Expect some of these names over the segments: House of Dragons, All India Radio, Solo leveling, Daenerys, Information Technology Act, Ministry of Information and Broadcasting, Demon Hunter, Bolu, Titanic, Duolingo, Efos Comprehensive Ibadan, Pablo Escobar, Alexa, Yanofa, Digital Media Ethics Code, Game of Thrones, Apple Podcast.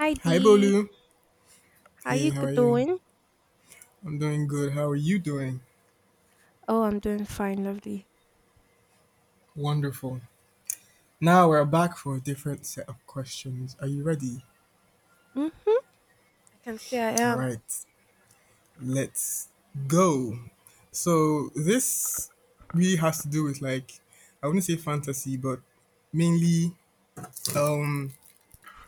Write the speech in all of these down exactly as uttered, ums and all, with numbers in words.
Hi Hi, Dee, Bolu. how Hey, you how g- are you? doing? I'm doing good. How are you doing? Oh, I'm doing fine, lovely. Wonderful. Now we're back for a different set of questions. Are you ready? Mm, I can say I All am. right, let's go. So, this really has to do with, like, I wouldn't say fantasy, but mainly um,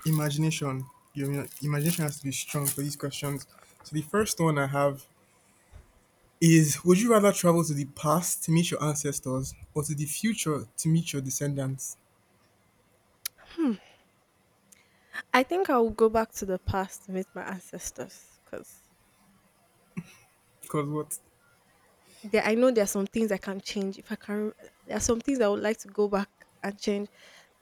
imagination. Your your imagination has to be strong for these questions. So, the first one I have is would you rather travel to the past to meet your ancestors or to the future to meet your descendants? Hmm. I think I will go back to the past to meet my ancestors because Cause what? there, I know there are some things I can change. If I can, there are some things I would like to go back and change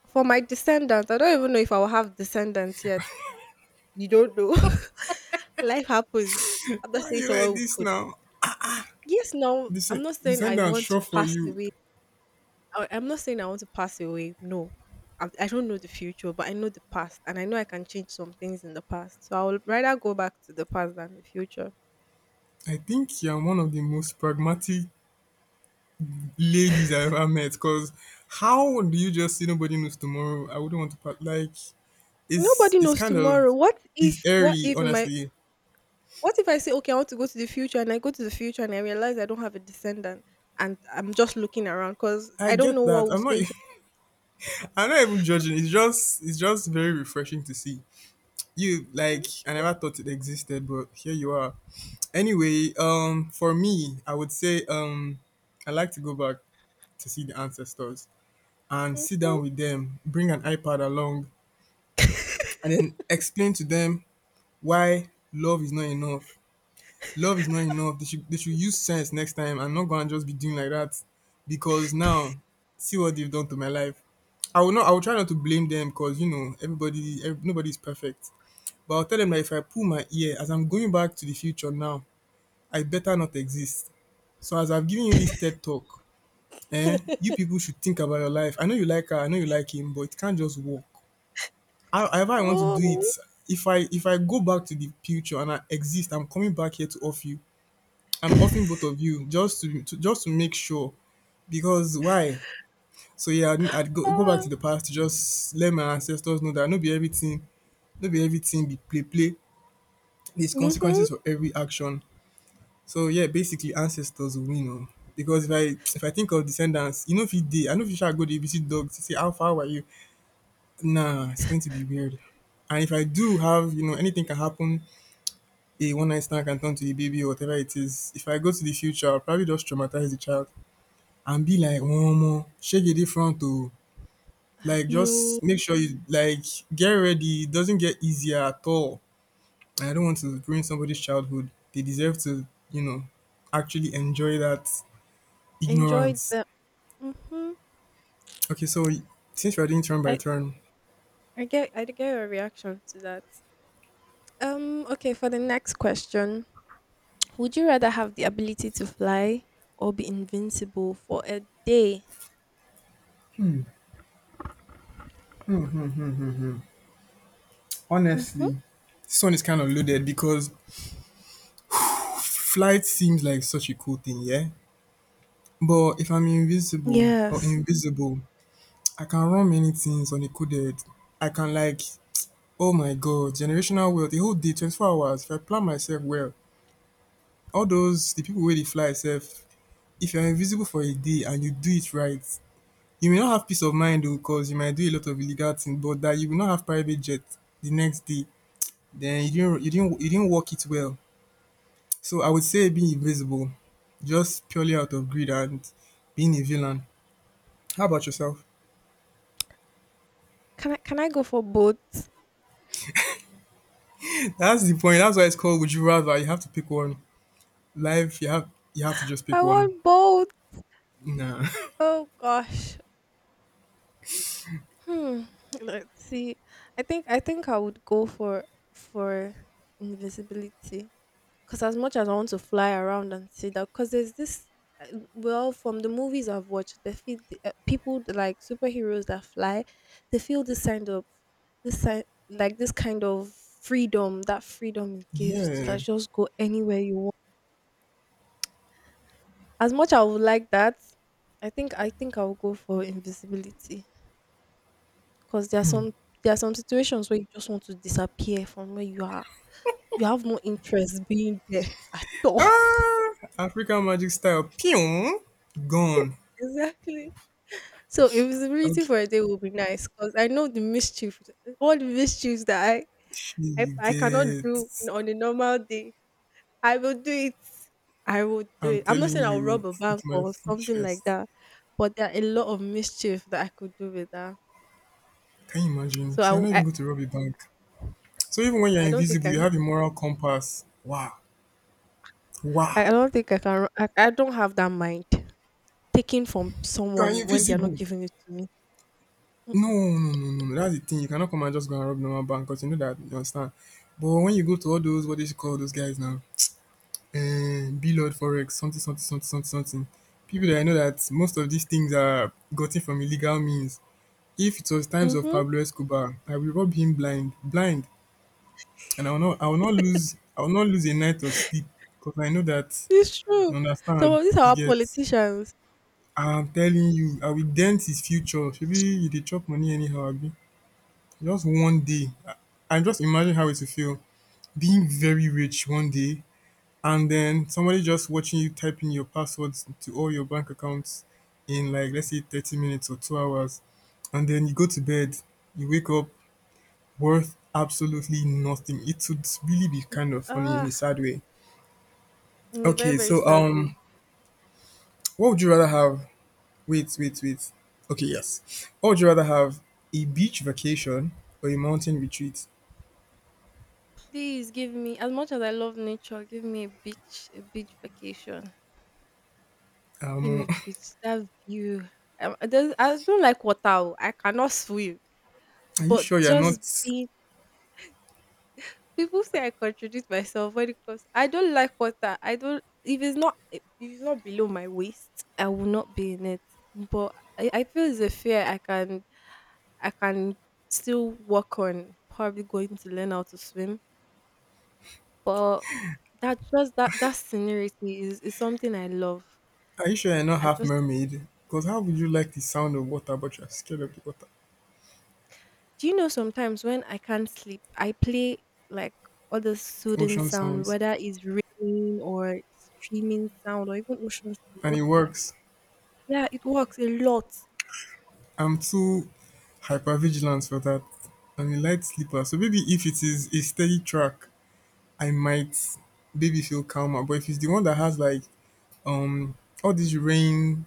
for my descendants. I don't even know if I will have descendants yet. You don't know. Life happens. I'm not Why saying you someone like who this could. now? Yes, no, I'm Descend- not saying I Descendants, want to sure for pass you. away. I, I'm not saying I want to pass away. No, I, I don't know the future, but I know the past, and I know I can change some things in the past. So I would rather go back to the past than the future. I think you're one of the most pragmatic ladies I've ever met. Cause how do you just say nobody knows tomorrow? I wouldn't want to part. Like it's Nobody it's knows kind of, tomorrow. What if? it's What airy, if in my? honestly. What if I say, okay, I want to go to the future, and I go to the future, and I realize I don't have a descendant, and I'm just looking around because I I don't know get that. what was I'm not. going to. I'm not even judging. It's just it's just very refreshing to see. You, like, I never thought it existed, but here you are. Anyway, um for me, I would say um I like to go back to see the ancestors and sit Mhm. down with them, bring an iPad along, and then explain to them why love is not enough. Love is not enough. They should they should use sense next time and not go and just be doing like that. Because now, see what they've done to my life. I will not. I will try not to blame them because, you know, everybody, every, nobody is perfect. But I'll tell them that if I pull my ear as I'm going back to the future now, I better not exist. So as I've given you this TED talk, eh, you people should think about your life. I know you like her, I know you like him, but it can't just work. How- However, I want to do it. Oh, If I if I go back to the future and I exist, I'm coming back here to off you. I'm offing both of you just to, to just to make sure. Because why? So yeah, I'd, I'd go, go back ah. to the past to just let my ancestors know that no be everything, no be everything be play play. There's Mhm. consequences for every action. So yeah, basically ancestors will win oh. Because if I if I think of descendants, you know, if it dey, I know if you shall go dey visit dogs to say how far are you? Nah, it's going to be weird. And if I do have, you know, anything can happen, a one night stand can turn to a baby or whatever it is. If I go to the future, I'll probably just traumatize the child and be like, Oh, Omo, shake it different to, have like you just make sure you like get ready. It doesn't get easier at all. I don't want to ruin somebody's childhood. They deserve to, you know, actually enjoy that enjoyed ignorance. the? Mhm. Okay, so since we're doing turn I by turn, I get I get your reaction to that. Um, okay, for the next question, would you rather have the ability to fly or be invincible for a day? Mm-hmm. honestly, this one is kind of loaded because flight seems like such a cool thing, yeah? But if I'm invisible or Yes. invisible, I can run many things on a coded. I can, like, oh my god, generational wealth, the whole day, twenty-four hours, if I plan myself well. All those, the people where they fly itself, if you're invisible for a day and you do it right, you may not have peace of mind though, because you might do a lot of illegal things, but that you will not have private jet the next day. Then you didn't you didn't you didn't work it well. So I would say being invisible, just purely out of greed and being a villain. How about yourself? Can I can I go for both? That's the point. That's why it's called Would You Rather. You have to pick one. Life, you have you have to just I pick one. want both. Nah. Oh gosh. Hmm. Let's see. I think I think I would go for for invisibility. Because as much as I want to fly around and see that, because there's this, uh, well, from the movies I've watched, they feel the, uh, people that like superheroes that fly, they feel this kind of this kind like this kind of freedom that freedom it gives to like Yeah. just go anywhere you want. As much I would like that, I think I think I'll go for invisibility because there are some there are some situations where you just want to disappear from where you are. You have no interest being there at all. Ah, African magic style. Pew. Gone. Exactly. So invisibility Okay. for a day will be nice because I know the mischief, all the mischiefs that I, I You I cannot get. do in- on a normal day. I will do it. I will do I'm it. I'm not telling saying I'll rob you, a bank with my or full something like chest. that, but there are a lot of mischief that I could do with that. Can you imagine? So I, See, I'm w- not even I going to rob a bank. So even when no, you're I don't think invisible, you I, have a moral compass. Wow. I Wow. I don't think I can. I, I don't have that mind taking from You are someone when they are not invisible. giving it to me. No, no, no, no, no. That's the thing. You cannot come and just go and rob normal bank because you know that you understand. But when you go to all those, what they should call those guys now? Uh, B Lord Forex, something, something, something, something, something. People that I know that most of these things are gotten from illegal means. If it was times of Mhm. Pablo Escobar, I will rob him blind, blind, and I will not, I will not lose, I will not lose a night of sleep because I know that It's true. you Some understand. of these are You our get. politicians. I'm telling you, I will dent his future. Maybe you dey chop money anyhow abi? Just one day, I I just imagine how it will feel being very rich one day and then somebody just watching you typing your passwords to all your bank accounts in, like, let's say thirty minutes or two hours, and then you go to bed, you wake up worth absolutely nothing. It would really be kind of funny in Ah, a sad way. in a very, Okay, very so sad way. um what would you rather have? Wait, wait, wait. Okay, yes. What would you rather have? A beach vacation or a mountain retreat? Please give me, as much as I love nature, give me a beach, a beach vacation. Give me Um, a beach, that view. Um, I, don't- I don't like water. Oh. I cannot swim. are you But sure you're just not? be People say I contradict myself when it comes I don't like water. I don't if it's not if it's not below my waist, I will not be in it. But I, I feel it's a fear I can I can still work on, probably going to learn how to swim. But that just that that scenery is is something I love. Are you sure you're not I half just mermaid? Because how would you like the sound of water, but you're scared of the water? Do you know sometimes when I can't sleep, I play like all the soothing Ocean sound, sounds, whether it's raining or streaming sound or even ocean sound, and just it like works. yeah, it works a lot. I'm too hyper vigilant for that. I'm a light sleeper, so maybe if it is a steady track, I might maybe feel calmer. But if it's the one that has, like, um all these rain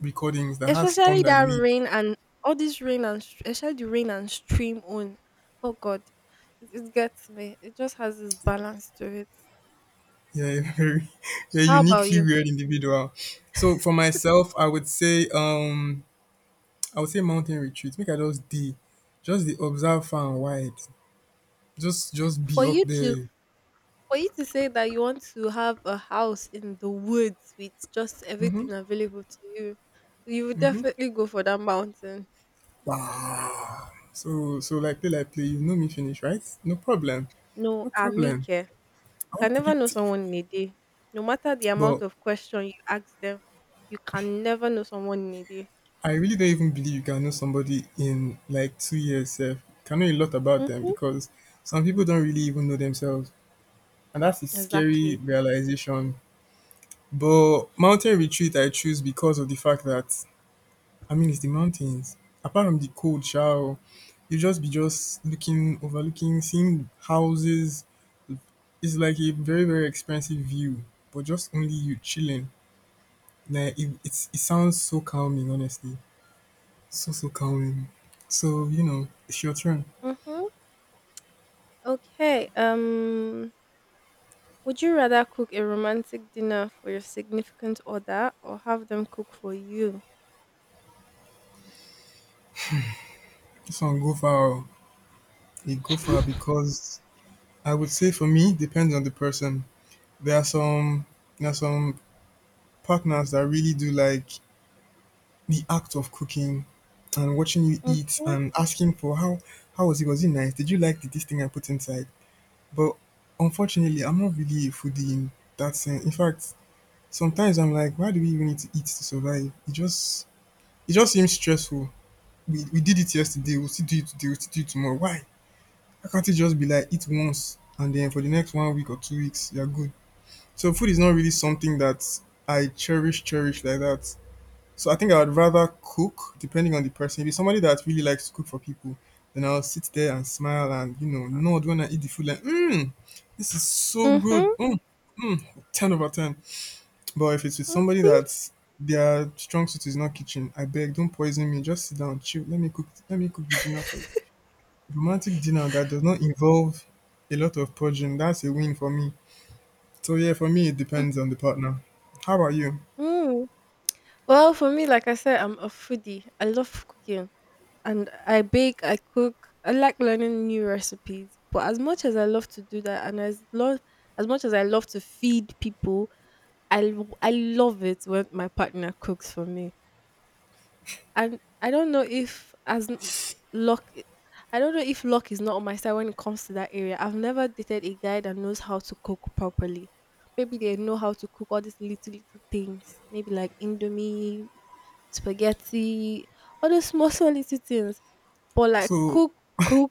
recordings that has Especially thunder that in it. rain and all this rain and str- especially the rain and stream on. Oh God, it, it gets me. It just has this balance to it. Yeah, you're a very, you're a How about uniquely you? weird individual. So for myself, I would say, um, I would say mountain retreats. Make I just the, just the observe far and wide. Just, just be For up you to there. for you to say that you want to have a house in the woods with just Mm-hmm. everything available to you, you would definitely go for that mountain. Wow. So, so like play, like play. You know me finish, right? No problem. No, No problem. Amike. I Can won't never know predict it. someone in a day. No matter the amount But of question you ask them, you can never know someone in a day. I really don't even believe you can know somebody in like two years. Sef. You can know a lot about them Mm, because some people don't really even know themselves. And that's a scary exactly. realization. But mountain retreat I choose because of the fact that, I mean, it's the mountains. Apart from the cold shower, you just be just looking, overlooking, seeing houses. It's like a very very expensive view, but just only you chilling. Like it, it's it sounds so calming, honestly, so so calming. So, you know, it's your turn. Mm-hmm. Okay. Um. Would you rather cook a romantic dinner for your significant other or have them cook for you? This one go far oh. It go far because I would say for me depends on the person. There are some there are some partners that really do like the act of cooking and watching you eat Mm-hmm. and asking for how how was it? Was it nice? Did you like the, this thing I put inside? But unfortunately, I'm not really a foodie in that sense. In fact, sometimes I'm like, why do we even need to eat to survive? It just it just seems stressful. We we did it yesterday. We'll still do it today. We'll still do it tomorrow. Why? Why can't it just be like eat once and then for the next one week or two weeks you're good? So food is not really something that I cherish cherish like that. So I think I would rather cook, depending on the person. If it's somebody that really likes to cook for people, then I'll sit there and smile and, you know, nod when I eat the food. Like, mmm, this is so good. Mm-hmm. Mm, mm, ten over ten. But if it's with somebody that their strong suit is not kitchen, I beg, don't poison me. Just sit down, chill. Let me cook. Let me cook the dinner for you. Romantic dinner that does not involve a lot of purging. That's a win for me. So yeah, for me it depends on the partner. How about you? Mm-hmm. Well, for me, like I said, I'm a foodie. I love cooking and I bake, I cook. I like learning new recipes. But as much as I love to do that and as lo- as much as I love to feed people, I l- I love it when my partner cooks for me. And I don't know if as m- luck I don't know if luck is not on my side when it comes to that area. I've never dated a guy that knows how to cook properly. Maybe they know how to cook all these little little things. Maybe like indomie, spaghetti, all those small, small little things. But like So cook, cook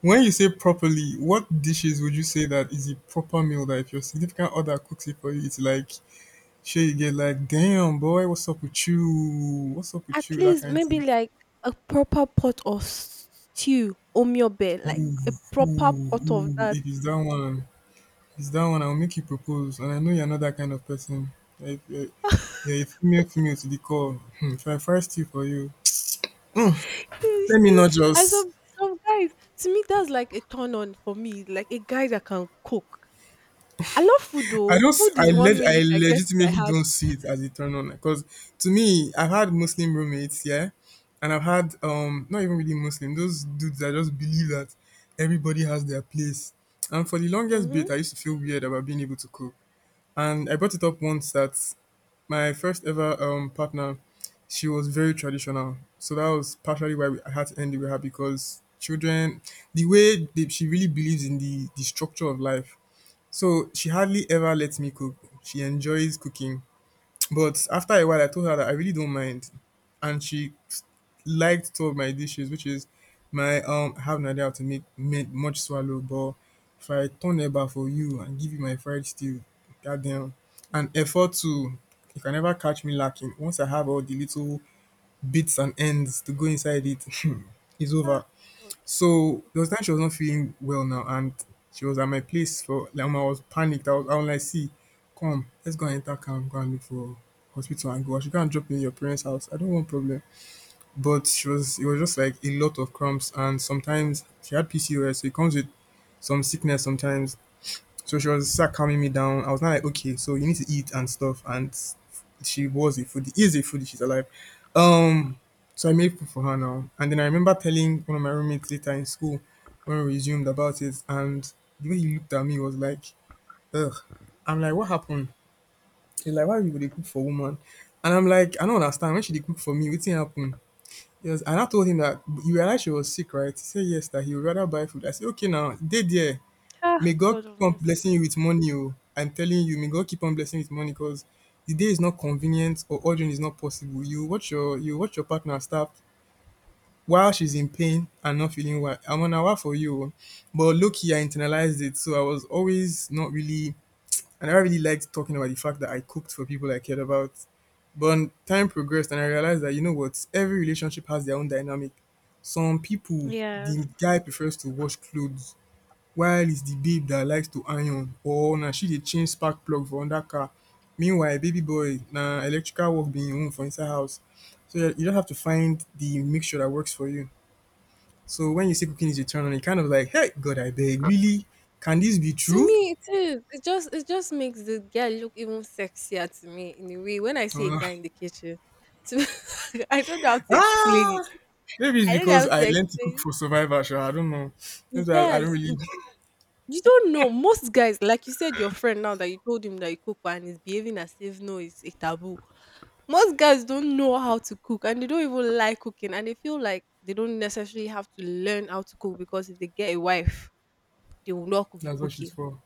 when you say properly, what dishes would you say that is a proper meal that if your significant other cooks it for you, it's like sure you get, like, damn boy, what's up with you? What's up at with you? That least kind of maybe thing. like a proper pot of stew, omyobe, like Ooh, a ooh, proper pot of ooh. that. If it's that one, if it's that one, I'll make you propose. And I know you're not that kind of person. Like you're, you're a female female to the core. Hmm, If I fry stew for you, You let me see, not and just some some guys, to me that's like a turn on for me, like a guy that can cook. I love food I though. don't. s- Food I is one leg. way you I can get to my legitimately heart. don't see it as a turn on because to me, I've had Muslim roommates, yeah, and I've had um not even really Muslim. Those dudes that just believe that everybody has their place. And for the longest Mm-hmm. bit, I used to feel weird about being able to cook. And I brought it up once that my first ever um partner, she was very traditional. So that was partially why we, I had to end it with her because children, the way they, she really believes in the the structure of life, so she hardly ever lets me cook. She enjoys cooking. But after a while, I told her that I really don't mind. And she liked two of my dishes, which is my, um, I have no idea how to make, make much swallow, but if I turn eba for you and give you my fried stew, goddamn. And effort too. You can never catch me lacking. Once I have all the little bits and ends to go inside it, it's Ah, over. God of So mercy. there was time she was not feeling well now, and she was at my place for like omo, I was panicked. I was, I was like, see, come, let's go and enter car go and look for hospital and go. I should go and drop you in your parents' house. I don't want problem. But she was it was just like a lot of cramps and sometimes she had P C O S, so it comes with some sickness sometimes. So she was start calming me down. I was not like, okay, so you need to eat and stuff. And s- she was a foodie, is a foodie, she's alive. Um, so I made food for her now. And then I remember telling one of my roommates later in school when we resumed about it. And the way he looked at me was like, ugh. I'm like, what happened? He's like, why you would they cook for woman? And I'm like, I don't understand. When she did cook for me, what thing happened? Yes, and I told him that you realized she was sick, right? He said yes, that he would rather buy food. I said, okay, now, they there. Ah, May God God of keep on mercy. blessing you with money, oh. I'm telling you, may God keep on blessing you with money because the day is not convenient or ordering is not possible. You watch your you watch your partner starve while she's in pain and not feeling well. I'm on hour for you. Oh. But low key I internalized it. So I was always not really, I never really liked talking about the fact that I cooked for people I cared about. But time progressed and I realized that, you know what, every relationship has their own dynamic. Some people, Yeah. the guy prefers to wash clothes while its the babe dat likes to iron or na she dey change spark plug for under car. Meanwhile baby boy na electrical work be im own for inside house. So you you just have to find the mixture that works for you. So when you see cooking is a turn on, you kind of like, hey God I beg, really, can this be To true? me, it is. It just it just makes the girl look even sexier to me in a way. When I see a Uh, guy in the kitchen, to me, I don't know how to explain Ah, it. maybe it's I don't know how because I to learned to explain. cook for survival. Sure, I don't know. Maybe I I don't Yes, really you don't know. Most guys, like you said, your friend now that you told him that you cook for and he's behaving as if no, it's a taboo. Most guys don't know how to cook and they don't even like cooking and they feel like they don't necessarily have to learn how to cook because if they get a wife, they will not be that's what she's cooking. for.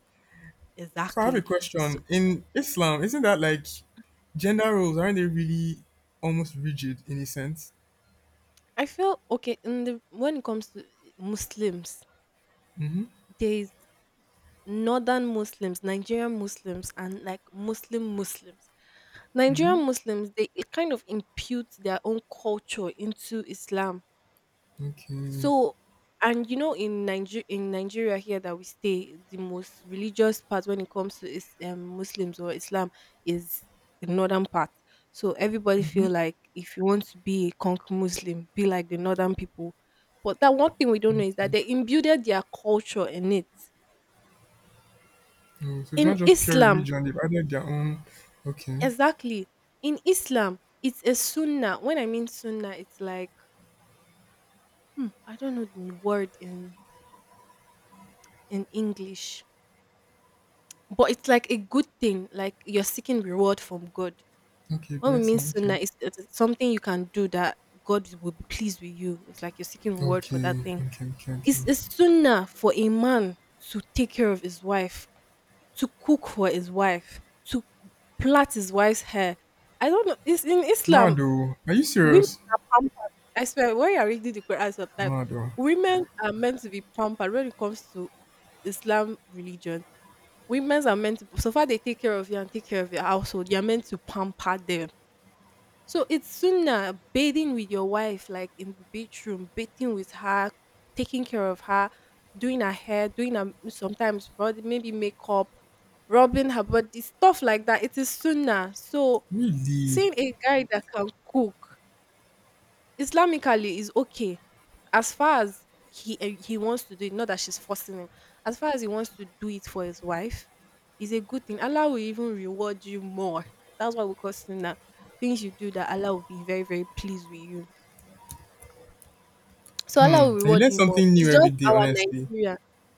So I have a Exactly. question. In Islam, isn't that like gender roles? Aren't they really almost rigid in a sense? I feel okay in the when it comes to Muslims, Mm-hmm. there is northern Muslims, Nigerian Muslims, and like Muslim Muslims. Mm-hmm. Nigerian Muslims, they it kind of impute their own culture into Islam. Okay. So, and you know, in Nigeria, in Nigeria here that we stay, the most religious part when it comes to is um, Muslims or Islam is the northern part. So everybody feel like if you want to be a conk Muslim, be like the northern people. But that one thing we don't know is that Okay. they imbued their culture in it. Oh, so it's In not just pure Islam, religion. They've added their own. Okay. exactly. In Islam, it's a sunnah. When I mean sunnah, it's like hmm, I don't know the word in in English. But it's like a good thing, like you're seeking reward from God. Okay. When we mean Blessing. sunnah, Okay. it's, it's something you can do that God will be pleased with you. It's like you're seeking reward for Okay. that thing. Okay. Okay. Okay. It's a sunnah for a man to take care of his wife, to cook for his wife, to plait his wife's hair. I don't know. It's in Islam, Mado, are you women serious? are pampered. I swear, when you're reading the Quran sometimes, Mado, women are meant to be pampered when it comes to Islam religion. Women's are meant to, so far they take care of you and take care of your household, you're meant to pamper them. So it's sooner bathing with your wife, like in the bedroom, bathing with her, taking care of her, doing her hair, doing her sometimes body, maybe makeup, rubbing her body, stuff like that. It is sooner. So really? seeing a guy that can cook Islamically is okay, as far as he eh, he wants to do it, not that she's forcing him. As far as he wants to do it for his wife, is a good thing. Allah will even reward you more. That's why we call sunnah. Things you do that Allah will be very very pleased with you. So Allah will Hmm. And you reward learn you more. something It's new just every day. our Honestly. Nigeria.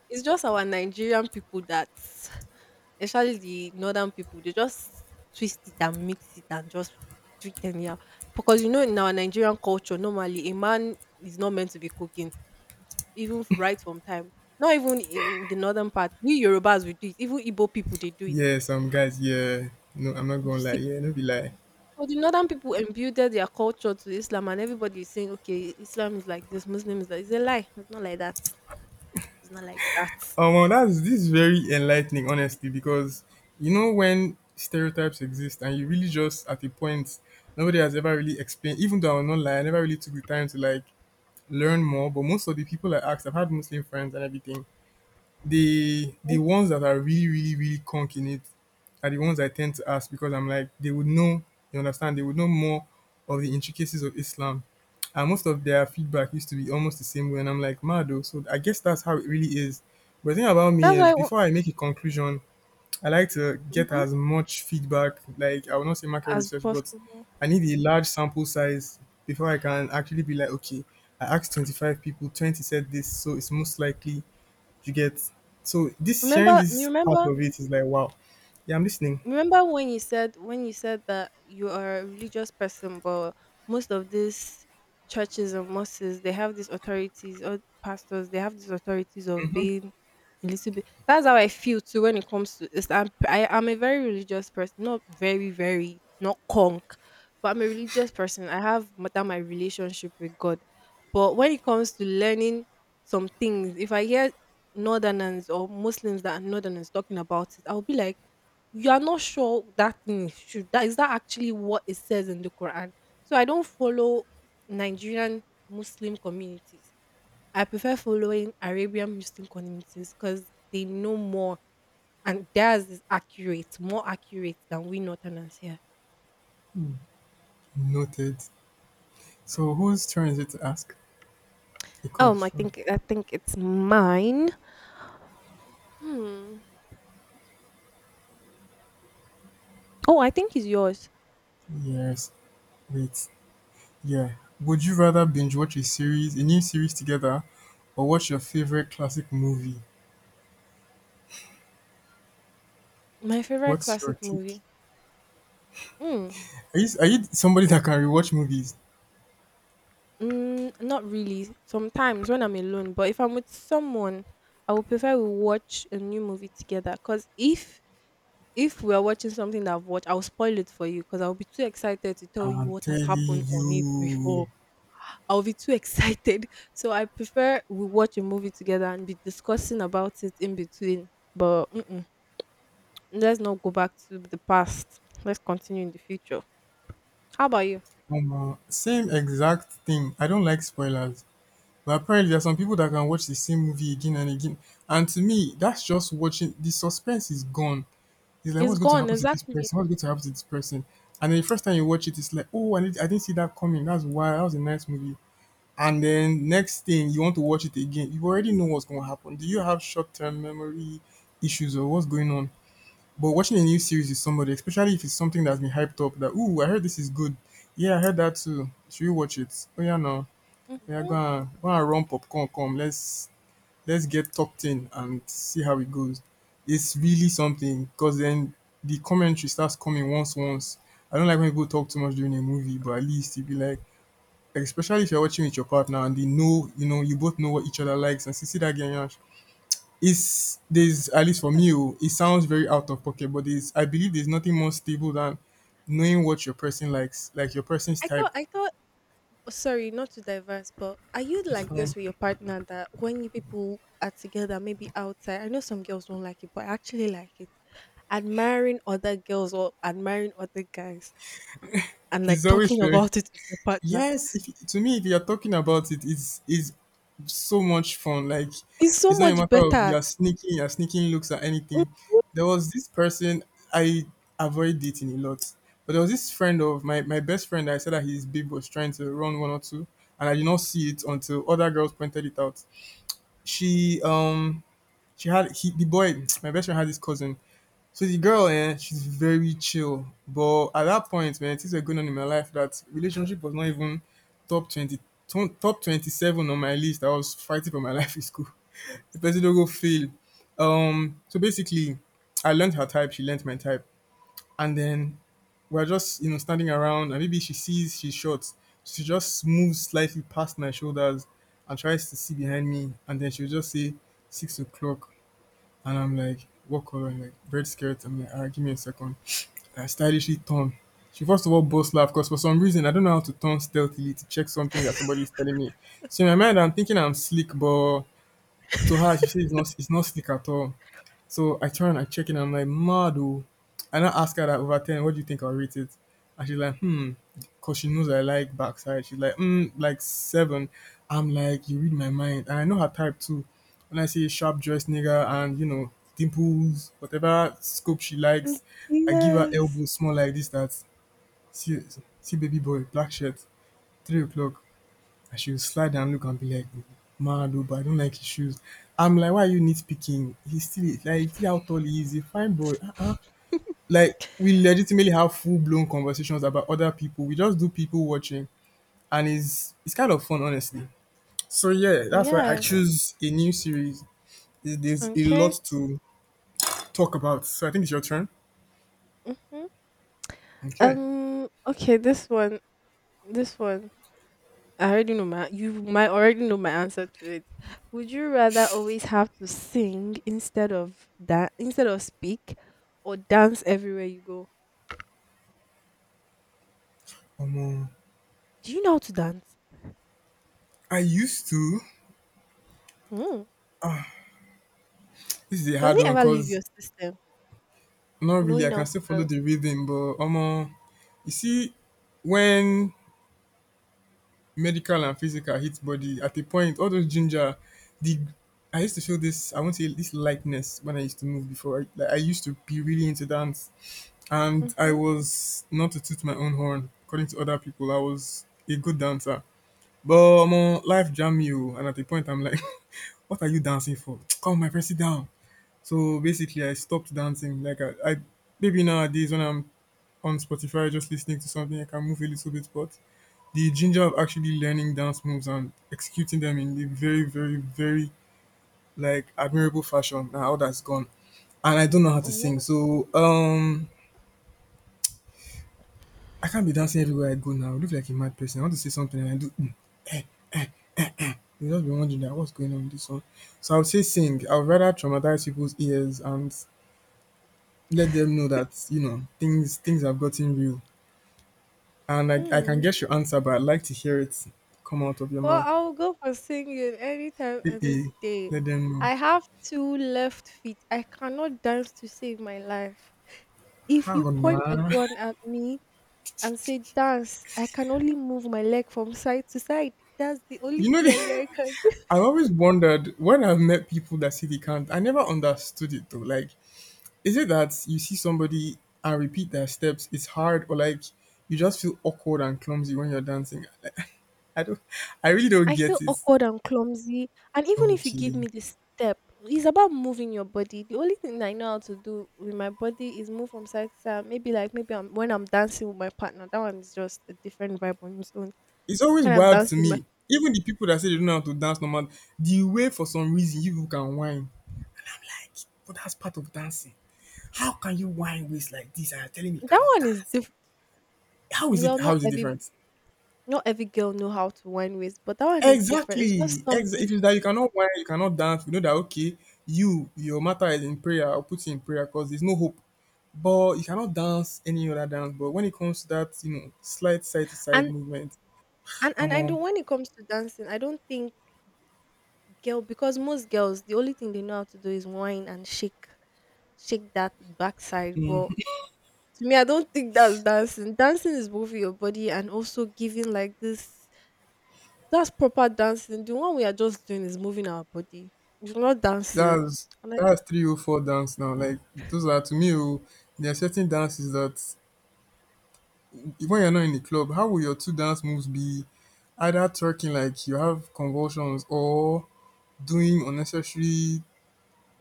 It's just our Nigerian people that, especially the northern people, they just twist it and mix it and just do it anyhow. Because you know, in our Nigerian culture, normally a man is not meant to be cooking, even f- right from time. Not even in the northern part. We Yorubas we do it. Even Igbo people they do it. Yes. Um. Guys. Yeah. No. I'm not You gonna see. lie. Yeah. No. Be lie. So the northern people imbued their culture to Islam, and everybody is saying, "Okay, Islam is like this, Muslim is like." It's a lie. It's not like that. It's not like that. Oh well, that's this is very enlightening, honestly, because you know when stereotypes exist and you really just at a point nobody has ever really explained. Even though I will not lie, I never really took the time to like learn more. But most of the people I asked, I've had Muslim friends and everything, the Mm, the ones that are really, really, really conk in it are the ones I tend to ask because I'm like they would know, you understand, they would know more of the intricacies of Islam. And most of their feedback used to be almost the same way. And I'm like, mad though. So I guess that's how it really is. But the thing about me that's why is I wa before I make a conclusion, I like to get mhm, as much feedback, like I will not say market as research, but possible. I need a large sample size before I can actually be like, okay, I asked twenty-five people, twenty said this, so it's most likely you get, so this hearing Remember you this part remember of it is like wow. Yeah, I'm listening. remember when you said when you said that you are a religious person. But most of these churches and mosques, they have these authorities or pastors, they have these authorities of being a little bit, that's how I feel too. When it comes to this, i'm I, i'm a very religious person, not very very, not conk, but I'm a religious person. I have ma- that my relationship with God. But when it comes to learning some things, if I hear northerners or Muslims that are northerners talking about it, I'll be like, you are not sure that thing should that, is that actually what it says in the Quran? So I don't follow Nigerian Muslim communities. I prefer following Arabian Muslim communities because they know more, and theirs is accurate, more accurate than we Northerners here. Noted. So whose turn is it to ask a Um, I question? think I think it's mine. Hmm. Oh, I think it's yours. Yes. Wait. Yeah. Would you rather binge watch a series, a new series together, or watch your favorite classic movie? My favorite What's your classic movie. take? Mm. Are you, are you somebody that can rewatch movies? Mm, not really. Sometimes when I'm alone, but if I'm with someone, I would prefer we watch a new movie together. Cause if if we are watching something that I've watched, I'll spoil it for you. Cause I'll be too excited to tell you I'm what has telling happened on it you. before. I'll be too excited. So I prefer we watch a movie together and be discussing about it in between. But mm-mm, let's not go back to the past. Let's continue in the future. How about you? Omo, same exact thing. I don't like spoilers. But apparently there are some people that can watch the same movie again and again. And to me, that's just watching the suspense is gone. It's like It's what's going to gone happen to this exactly. person? What's going to happen to this person? And then the first time you watch it, it's like, oh, I, did, I didn't see that coming. That's why that was a nice movie. And then next thing you want to watch it again, you already know what's going to happen. Do you have short term memory issues or what's going on? But watching a new series with somebody, especially if it's something that's been hyped up, that, oh, I heard this is good. Yeah, I heard that too. Should you watch it? Oh yeah, no, Mhm. oya go and go and run popcorn come, let's let's get talked in and see how it goes. It's really something because then the commentary starts coming, once once. I don't like when people talk too much during a movie, but at least you be like, especially if you're watching with your partner and they know, you know, you both know what each other likes and see, see that game. It's there's at least for me, oh, it sounds very out of pocket, but there's I believe there's nothing more stable than knowing what your person likes, like your person's I type. thought I thought sorry, not to diverse, but are you It's like fine. this with your partner that when you people are together, maybe outside? I know some girls don't like it, but I actually like it. Admiring other girls or admiring other guys and It's like always talking fair. about it with your partner Yes, if, to me, if you're talking about it, it's is so much fun. Like is so it's not a much matter of better. you're sneaking, you're sneaking looks at Mhm. anything. There was this person I avoid dating a lot, but there was this friend of my my best friend that I said that his babe was trying to run one or two, and I did not see it until other girls pointed it out. She um she had he, the boy, my best friend had this cousin. So the girl, eh, she's very chill. But at that point, man, things were going on in my life that relationship was not even top twenty, ton- top twenty seven on my list. I was fighting for my life in school. The person don't go fail. Um, so basically, I learned her type. She learned my type, and then we're just, you know, standing around, and maybe she sees she's short. She just moves slightly past my shoulders and tries to see behind me, and then she'll just say six o'clock. And I'm like, what color? And like, red skirt. I'm like, ah, give me a second. I stylishly turn. She first of all boss laugh because for some reason I don't know how to turn stealthily to check something that somebody is telling me. So in my mind I'm thinking I'm slick, but to her, she said it's not it's not slick at all. So I try and I check it and I'm like, mad oh. I now ask her that over ten, what do you think I'll rate it? And she's like, hmm, because she knows I like backside. She's like, hmm, like seven. I'm like, you read my mind. And I know her type too. When I say sharp dressed nigga and, you know, dimples, whatever scope she Mm. likes, I give her Yes. elbow small like this, that. See, see baby boy, black shirt, three o'clock, and she would slide and look and be like, mad oh, but I don't like his shoes. I'm like, why are you nitpicking? He's still like, see how tall he is. He's a fine boy. Uh-uh. Like, we legitimately have full blown conversations about other people. We just do people watching, and it's it's kind of fun, honestly. So yeah, that's why I Yes. choose a new series. There- There's a lot Okay. to talk about. So I think it's your turn. Mm-hmm. Okay. Um. Okay. This one. This one. I already know my You might already know my answer to it. Would you rather always have to sing instead of that instead of speak, or dance everywhere you go? Um, Do you know how to dance? I used to. Hmm. This is a Does hard it one ever leave your because system? not really. I Knowing how can to still follow dance. the rhythm, but um, you see, when medical and physical hit body at a point, all those ginger, the I used to feel this. I want to say this lightness when I used to move before. I, like, I used to be really into dance, and I Mm-hmm. was not to toot my own horn. According to other people, I was a good dancer. But um, life jam you, and at a point, I'm like, what are you dancing for? Come, my press it down. So basically, I stopped dancing. Like I, I maybe nowadays when I'm on Spotify just listening to something, I can move a little bit. But the ginger of actually learning dance moves and executing them in a very, very, very like admirable fashion, now all that's gone. And I don't know how to Oh. sing, so um, I can't be dancing everywhere I go now. I look like a mad person. I want to say something and I do. Mm, eh. You just be wondering that what's going on with this one. So I would say sing. I would rather traumatize people's ears and let them know that you know things things have gotten real, and i, I can Hmm. guess your answer, but I'd like to hear it come out of your Well, mouth. I'll go for singing anytime, any Eh-eh, day. let them I know have two left feet. I cannot dance to save my life. If you how point a now? gun at me and say dance, I can only move my leg from side to side. That's the only you know thing that the- I can do. I've always wondered when I've met people that say they can't. I never understood it though. Like, is it that you see somebody and repeat their steps, it's hard, or like you just feel awkward and clumsy when you're dancing? Like, i don't I really don't I feel get it. awkward and clumsy. And even if you give Okay. me the step, it's about moving your body. The only thing I know how to do with my body is move from side to side. Maybe like maybe I'm when I'm dancing with my partner, that one is just a different vibe on its own. It's always When I'm wild to dancing with my me. Even the people that say they don't know how to dance normal, the way for some reason you people can whine. And I'm like, but that's part of dancing. How can you whine waist like this and you're telling me you That cannot one is dance? different. How is Well, it, how not is it every, different? not every girl know how to wind waist, but that one is different. It's just Exactly. Ex- something. If it's that you cannot whine, you cannot dance, we know that. Okay, you, your matter is in prayer, I'll put you in prayer because there's no hope. But you cannot dance any other dance. But when it comes to that, you know, slight side to side and movement, and and come I don't, on. when it comes to dancing, I don't think girl, because most girls the only thing they know how to do is whine and shake shake that backside. But to me, I don't think that's dancing. Dancing is moving your body and also giving like this, that's proper dancing. The one we are just doing is moving our body. It's not dancing. that's And like that's three oh four dance now. Like, those are to me, oh, there are certain dances that when you're not in the club, how will your two dance moves be? Either twerking like you have convulsions or doing unnecessary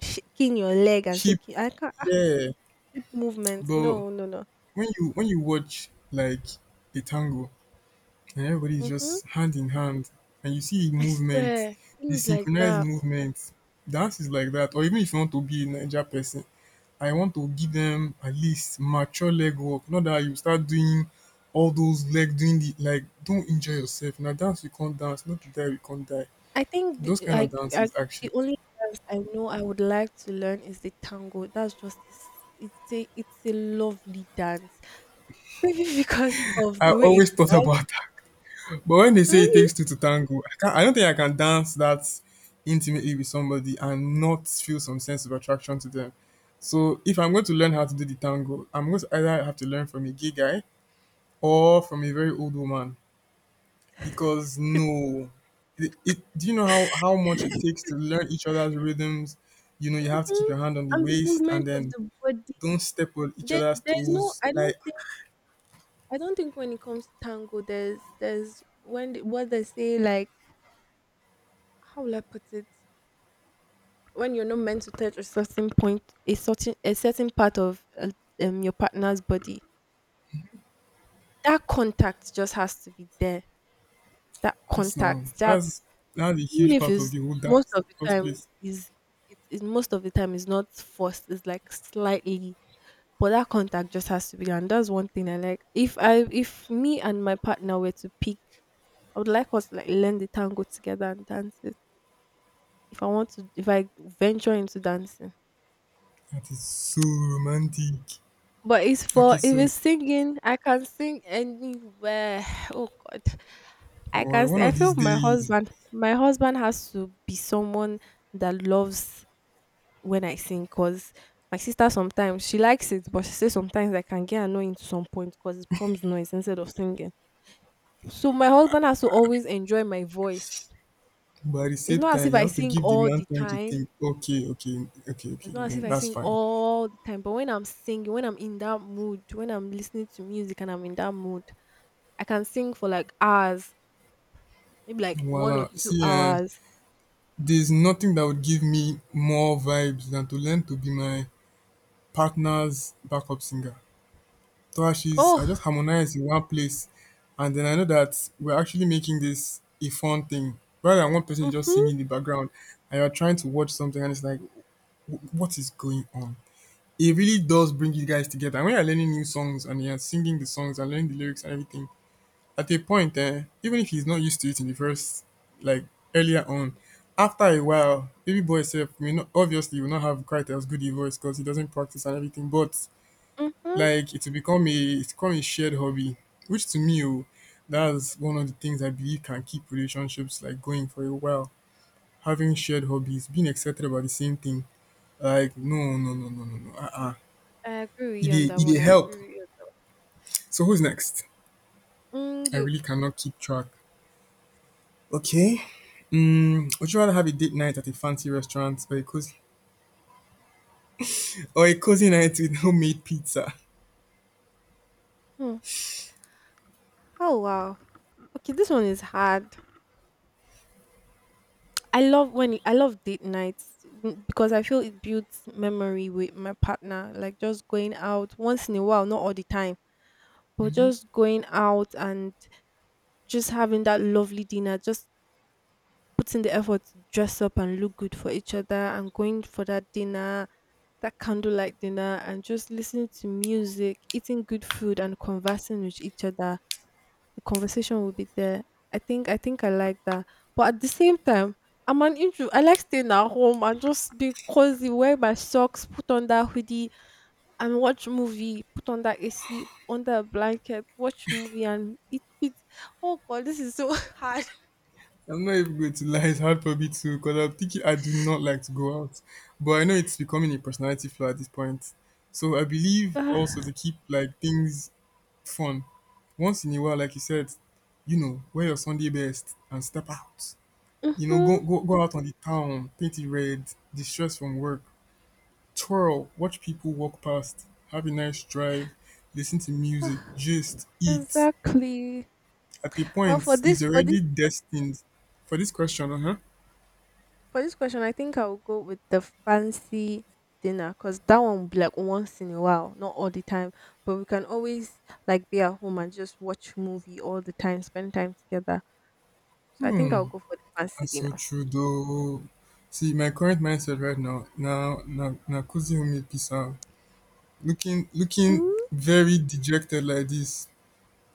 shaking your leg and hip. shaking. I can't. Yeah, Hip movement. but No, no, no. when you when you watch like a tango, and everybody is Mhm. just hand in hand, and you see the I movement, swear, the things like synchronized that. movement, dance is like that. Or even if you want to be a naija person, I want to give them at least mature leg work, not that you start doing all those leg doing the, like, don't enjoy yourself. Now dance you not dance, not be die you not die, I think the, those kind of like I, dances the actually. only dance I know I would like to learn is the tango. That's just It's it's a it's a lovely dance. Maybe because of I the way always it's. thought about. But when they say it Maybe. takes two to tango, I can't, I don't think I can dance that intimately with somebody and not feel some sense of attraction to them. So if I'm going to learn how to do the tango, I'm going to either have to learn from a gay guy or from a very old woman, because no, it, it, do you know how, how much it takes to learn each other's rhythms? You know, you have to keep Hmm. your hand on the And the waist movement and of then the body. don't step on each There, other's there's no. toes. I don't Like, think. I don't think when it comes to tango, there's there's, when the, what they say, like, how will I put it? When you're not meant to touch a certain point, a certain a certain part of uh, um, your partner's body, that contact just has to be there. That that's no, contact, that that's, that's a even huge if part of it's, the whole most dance of in the the first time place. is, it is most of the time is not forced. It's like slightly, but that contact just has to be there. And that's one thing I like. If I if me and my partner were to pick, I would like us to like learn the tango together and dance it. If I want to, if I venture into dancing. That is so romantic. But it's Okay, for, if so it's singing, I can sing anywhere. Oh God, don't I worry, can sing. one I of feel these my days, husband, my husband has to be someone that loves when I sing. Cause my sister sometimes she likes it, but she says sometimes I can get annoying to some point, cause it becomes noise instead of singing. So my husband has to always enjoy my voice. but at the It's same not as time, if you I have to sing give the all man the time to time think. Okay, okay, okay, It's okay, not as if then I that's sing fine. all the time, but when I'm singing, when I'm in that mood, when I'm listening to music and I'm in that mood, I can sing for like hours, maybe like one or Voila. two See, uh, hours. there's nothing that would give me more vibes than to learn to be my partner's backup singer. Thrashes, I just Oh, harmonize in one place, and then I know that we're actually making this a fun thing rather than one person just mm-hmm, singing in the background and you're trying to watch something and it's like, "Wh- what is going on?" it really does bring you guys together. And when you're learning new songs and you're singing the songs and learning the lyrics and everything, at a point, eh, even if he's not used to it in the first, like earlier on, after a while, baby boy self may not obviously will not have quite as good a voice because he doesn't practice and everything. But mm-hmm. like it will become a it's become a shared hobby, which to me, oh, that's one of the things I believe can keep relationships like going for a while. Having shared hobbies, being excited about the same thing. Like no, no, no, no, no, no. Uh, uh I agree with it you on dey, that it one. dey I help. agree with you on that. So who's next? Mm, I you. really cannot keep track. Okay. Mm, would you rather have a date night at a fancy restaurant or a cozy or a cozy night with homemade pizza? Hmm. Oh wow. Okay, this one is hard. I love when I love date nights, mm, because I feel it builds memory with my partner. Like just going out once in a while, not all the time, but just going out and just having that lovely dinner, just putting the effort to dress up and look good for each other and going for that dinner, that candlelight dinner, and just listening to music, eating good food and conversing with each other. The conversation will be there. I think I think I like that. But at the same time, I'm an intro. I like staying at home and just be cozy, wear my socks, put on that hoodie and watch movie, put on that A C, under a blanket, watch movie and eat, eat. Oh god, this is so hard. I'm not even going to lie, it's hard for me too because I'm thinking I do not like to go out, but I know it's becoming a personality flaw at this point. So I believe also to keep like things fun. Once in a while, like you said, you know, wear your Sunday best and step out. You know, go Mhm. go go out on the town, paint it red, distress from work, twirl, watch people walk past, have a nice drive, listen to music, gist, eat. Exactly. At a Well, point, for this, is for this, already destined. For this question, uh huh. for this question, I think I will go with the fancy dinner because that one will be like once in a while, not all the time. But we can always like be at home and just watch movie all the time, spend time together. So I think I'll go for the fancy That's so dinner. true though. See, my current mindset right now, now, now, now, Kuzi Umi Pisa, looking, looking very dejected like this.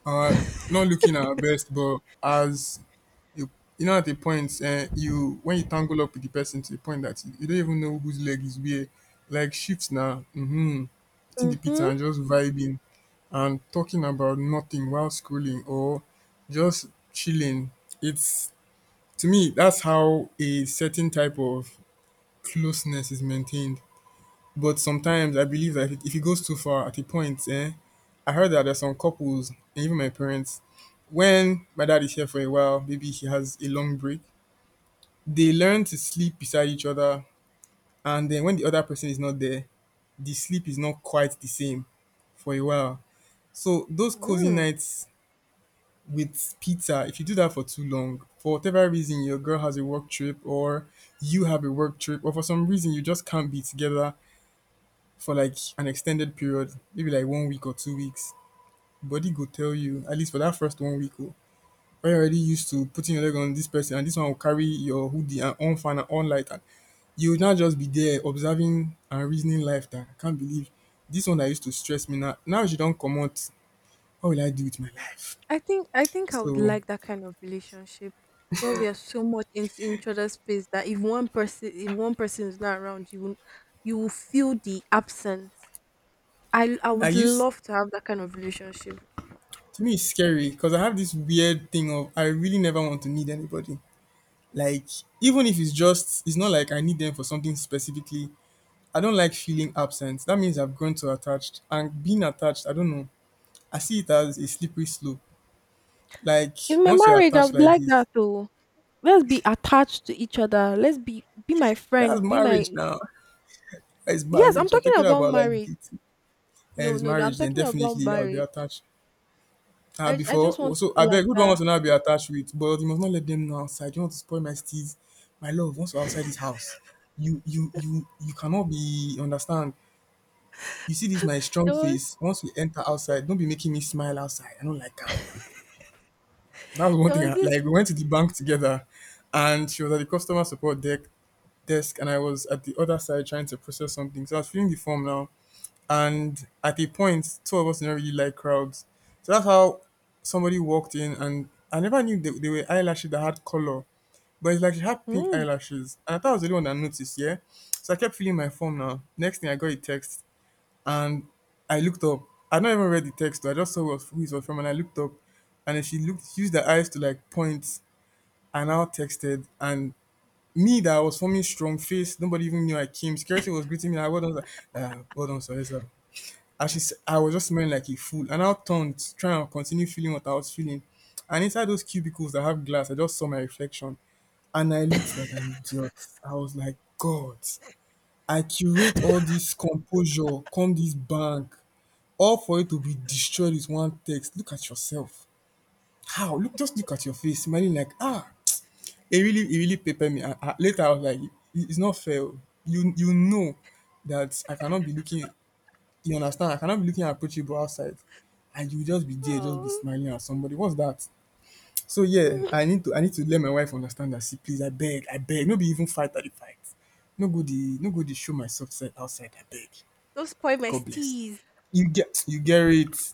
Uh, not looking at our best, but as you, you know at a point um you when you tangle up with the person to the point that you, you don't even know whose leg is where. Like shifts now, mm-hmm, eating the pizza Mm-hmm. and just vibing and talking about nothing while scrolling or just chilling. It's to me that's how a certain type of closeness is maintained. But sometimes I believe that if it, if it goes too far at a point, eh, I heard that there's some couples and even my parents, when my dad is here for a while, maybe he has a long break, they learn to sleep beside each other, and then when the other person is not there, the sleep is not quite the same for a while. So those cozy Mm. nights with pizza, if you do that for too long, for whatever reason your girl has a work trip or you have a work trip or for some reason you just can't be together for like an extended period, maybe like one week or two weeks, body go tell you. At least for that first one week, oh, when you're already used to putting your leg on this person and this one will carry your hoodie and on fan and on light, and you would now just be there observing and reasoning life that I can't believe this one that used to stress me now. Now she don't come out. What will I do with my life? I think I think I would So like that kind of relationship where we are so much into each other's space that if one person if one person is not around you, will- you will feel the absence. I I I would used love to have that kind of relationship. to me it's scary because I have this weird thing of I really never want to need anybody. Like, even if it's just, it's not like I need them for something specifically. I don't like feeling absent. That means I've grown too attached. And being attached, I don't know. I see it as a slippery slope. Like, In my once you're marriage, I attached would like like this, that too. Let's be attached to each other. Let's be be my that's friend. Be marriage my. now. It's Yes, I'm marriage. I'm talking talking about about like marriage. dating. Eh, No, is no, no, I'm marriage, then talking about definitely I'll be marriage. attached. Ah, I I before, just want to so be I beg, like who do I want that. to now be attached with? But you must not let them know outside. You want to spoil my steeds. My love, once we're outside this house, you you you you cannot be understand. You see this my strong There was face. Once we enter outside, don't be making me smile outside. I don't like her. That was one there thing. I, was this. like we went to the bank together, and she was at the customer support deck desk, and I was at the other side trying to process something. So I was filling the form now, and at a point, two of us didn't really like crowds. So that's how somebody walked in, and I never knew they, they were eyelashes that had color, but it's like she had pink Mm. eyelashes, and I thought I was the only one that noticed. Yeah, so I kept filling my form now. Next thing, I got a text and I looked up. I not even read the text. I just saw what, who it was from, and I looked up, and then she looked, she used her eyes to like point, and now texted, and me that I was forming strong face. Nobody even knew I came. Security was greeting me. Like, well done, sir." Uh, well done, sir. Yes, sir. And she, s- I was just smelling like a fool, and I turned, trying to continue feeling what I was feeling. And inside those cubicles that have glass, I just saw my reflection, and I looked like an idiot. I was like, God, I curate all this composure come this bank, all for it to be destroyed with one text. Look at yourself. How? Look, just look at your face, smiling like ah. It really, it really pepper me. I, I, later, I was like, "It- it's not fair. Oh. You, you know that I cannot be looking. You understand? I cannot be looking approachable outside, and you just be there, just be Oh, smiling at somebody. What's that? So yeah, mm. I need to, I need to let my wife understand that. See, please, I beg, I beg. No be even fight at the fight. No go the, no go the show myself side outside. I beg. Don't spoil my God bless. tease. You get you get it.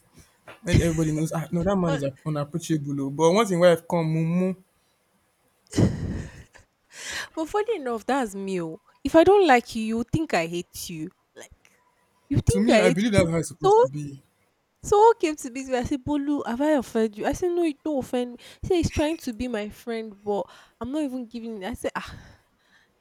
When everybody knows, ah, no, that man But is a- unapproachable. Oh." But once in a while, I've come, mumu. but funny enough, that's me, oh. If I don't like you, you would think I hate you. Like, you To think me, I I hate. believe that's how it's supposed So to be. someone came to me and said, Bolu, have I offended you? I said, no, you don't offend me. He said, he's trying to be my friend, but I'm not even giving in. I said, ah,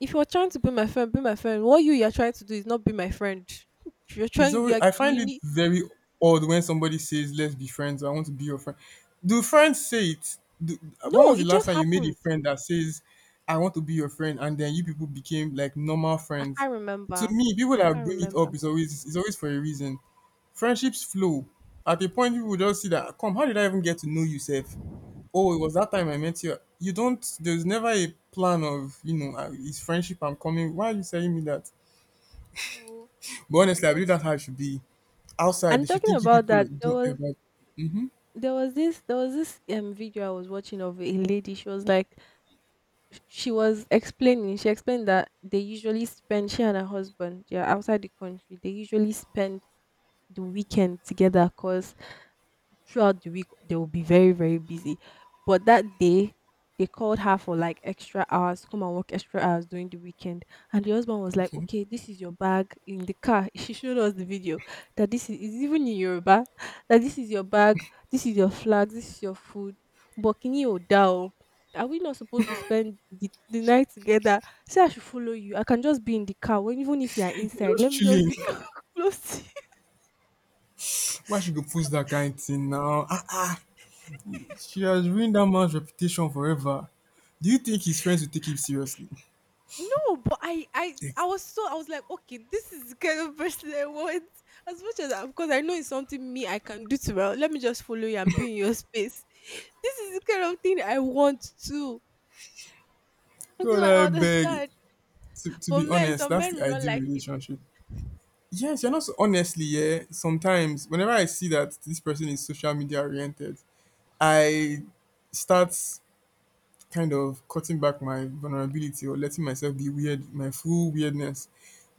if you're trying to be my friend, be my friend. What you you're trying to do is not be my friend. You're It's trying, always, you're, I you find it need. very odd when somebody says, "Let's be friends," or I want to be your friend. Do friends say it? Do, when No, was the it last just time you made a happened. friend that says, "I want to be your friend," and then you people became like normal I friends? can't To remember. me, people I that can't bring it remember. up is always is always for a reason. Friendships flow. At a point, people will just see that, come, how did I even get to know you, sir? Oh, it was that time I met you. You don't. There's never a plan of you know uh, it's friendship. I'm coming. Why are you telling me that? But honestly, I believe that's how it should be. Outside, they And should talking think you about people that, there don't was ever. there was this there was this um video I was watching of a lady. She was like, she was explaining she explained that they usually spend, she and her husband, yeah, outside the country, they usually spend the weekend together because throughout the week they will be very very busy. But that day they called her for like extra hours, come and work extra hours during the weekend. And the husband was like, Okay, okay, this is your bag in the car. She showed us the video that this is, is even in Yoruba. That this is your bag, this is your flag, this is your food, but kini o da o, are we not supposed to spend the, the night together? Say I should follow you, I can just be in the car. When, even if you are inside, let just me just chilling. be close to. Why should go post that kind of thing now? Ah, ah. She has ruined that man's reputation forever. Do you think his friends will take him seriously? No, but I, I, I Ex- was so, I was like, okay, this is the kind of person I want. As much as I, because I know it's something me I can do too well. Let me just follow you and be in your space. This is the kind of thing I want too. This is, God, I I beg. understand. To, to But be men, honest, some that's men the will not ideal like it. relationship. Yes, you're not so honestly, yeah. Sometimes, whenever I see that this person is social media oriented, I start kind of cutting back my vulnerability or letting myself be weird, my full weirdness,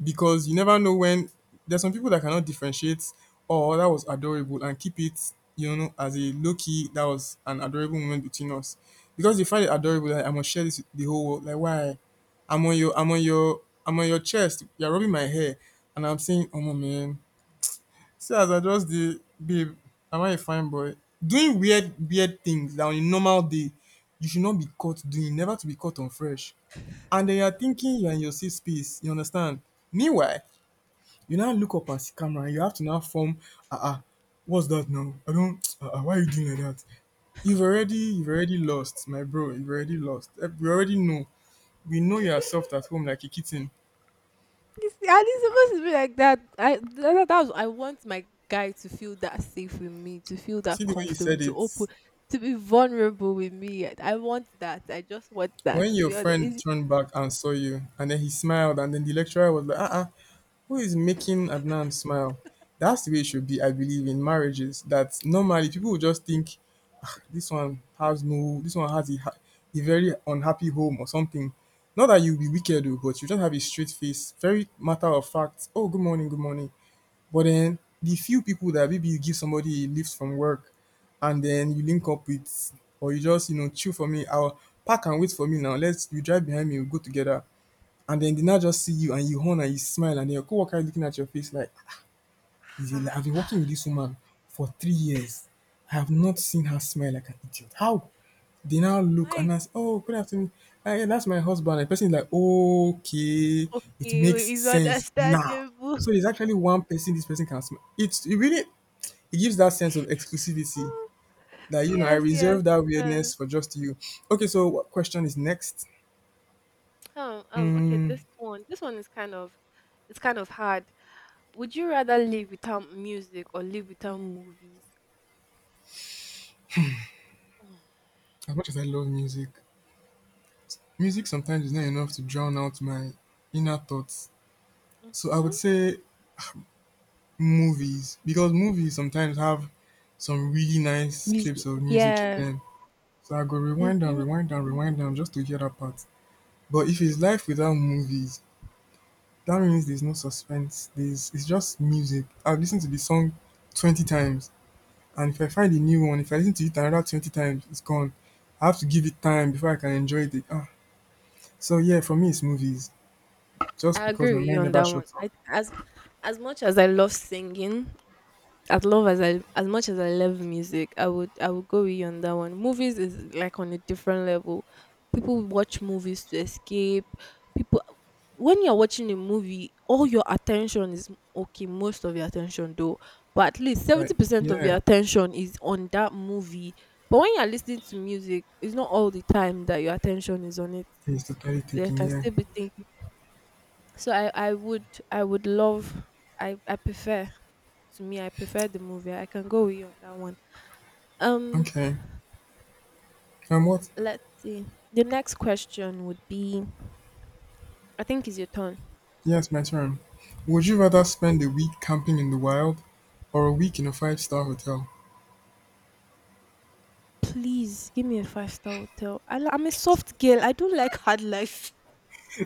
because you never know when there's some people that cannot differentiate. Oh, that was adorable, and keep it, you know, as a low key. That was an adorable moment between us, because they find it adorable. Like, I must share this with the whole world. Like, why? I'm on your, I'm on your, I'm on your chest. You're rubbing my hair, and I'm saying, oh my man, see as I just dey babe am I a fine boy doing weird weird things that on a normal day you should not be caught doing never to be caught on fresh and then you're thinking you're in your safe space you understand meanwhile you now look up at the camera and you have to now form ah-ah what's that now I don't ah-ah why are you doing like that you've already you've already lost my bro you've already lost. Eh, we already know we know you are soft at home like a kitten. You see, and it's supposed to be like that. I that, that was, I want my guy to feel that safe with me, to feel See that the way you comfortable, said to it. open, to be vulnerable with me. I want that. I just want that. When To your be honest, friend it's. turned back and saw you, and then he smiled, and then the lecturer was like, uh-uh, who is making Adnan smile? That's the way it should be, I believe, in marriages. That normally people will just think, "Ah, this one has no, this one has a, ha- a very unhappy home or something. Not that you'll be wicked, oh, but you just have a straight face, very matter of fact. Oh, good morning, good morning. But then the few people that maybe you give somebody a lift from work and then you link up with or you just, you know, chill for me, I'll park and wait for me now. Let's you drive behind me, we'll go together. And then they now just see you and you horn and you smile and your coworker is looking at your face like is a lie. I've been Ah, working with this woman for three years. I have not seen her smile like an idiot. How? They now look why. and ask, oh, good afternoon. Ah, yeah, that's my husband. The person is like, okay, it makes Okay, it's sense now. understandable. So there's actually one person this person can smile. It's it really it gives that sense of exclusivity that you know I Yes, yes. reserve that Um, weirdness for just you. Okay, so what question is next? um, um, okay, Mm, this one. This one is kind of, it's kind of hard. Would you rather live without music or live without movies? as much as I love music, music sometimes is not enough to drown out my inner thoughts. So I Mm-hmm. would say movies because movies sometimes have some really nice clips Music. of music in Yes. them. So I go rewind and Mm-hmm. rewind and rewind them just to hear that part. But if it's life without movies, that means there's no suspense. There's it's just music. I've listened to the song twenty times, and if I find a new one, if I listen to it another twenty times, it's gone. I have to give it time before I can enjoy it. Ah. So yeah, for me it's movies. Just I because agree my with you mind on never that one. shuts up. I, as as much as I love singing, as love as I as much as I love music, I would I would go with you on that one. Movies is like on a different level. People watch movies to escape. People When you're watching a movie, all your attention is okay, most of your attention though, but at least Right. seventy percent of Yeah. your attention is on that movie. But when you're listening to music, it's not all the time that your attention is on it. It's totally There taking, can yeah. still be things, so I I would I would love I I prefer to me I prefer the movie. I can go with you on that one. um Okay. And what? let's see, the next question would be. I think it's your turn. Yes, my turn. Would you rather spend a week camping in the wild or a week in a five star hotel? Please give me a five star hotel. I, li- I'm a soft girl, I don't like hard life.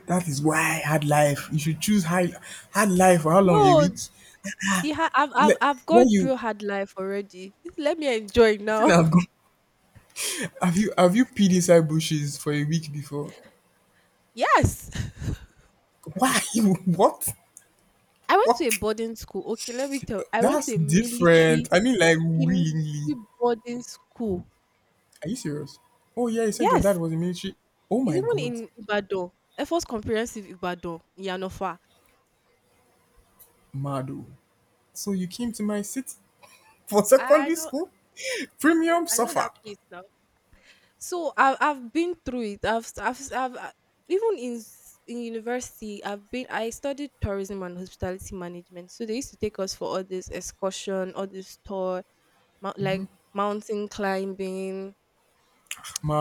That is why hard life. You should choose high hard life for how long? A No, week? the ha- I've, I've Le- I've gone when you through hard life already. Let me enjoy see now. now, go- have you have you peed inside bushes for a week before? Yes, Why? What? I went to a What? boarding school. Okay, let me tell. I went That's to a different. military, I mean, like a willingly. military boarding school. Are you serious? Oh yeah, you said your dad Yes, was in military. Oh it's my even god, in Ibadan. Efos Comprehensive Ibadan, in Yanofa. Mado. So you came to my city for I, I secondary know. school? Yes, Premium I know suffer. that place now. So I've I've been through it. I've I've, I've uh, Even in s- in university, I've been. I studied tourism and hospitality management. So they used to take us for all this excursion, all this tour, mou- like mountain climbing.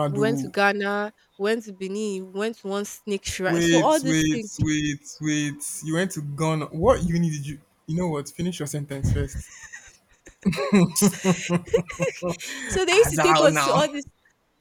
We went to Ghana, we went to Benin, we went to one snake shrine. So all wait, these wait, things. wait, wait. You went to Ghana. What uni did you? You know what? Finish your sentence first. So they used to take Azal us to now. all these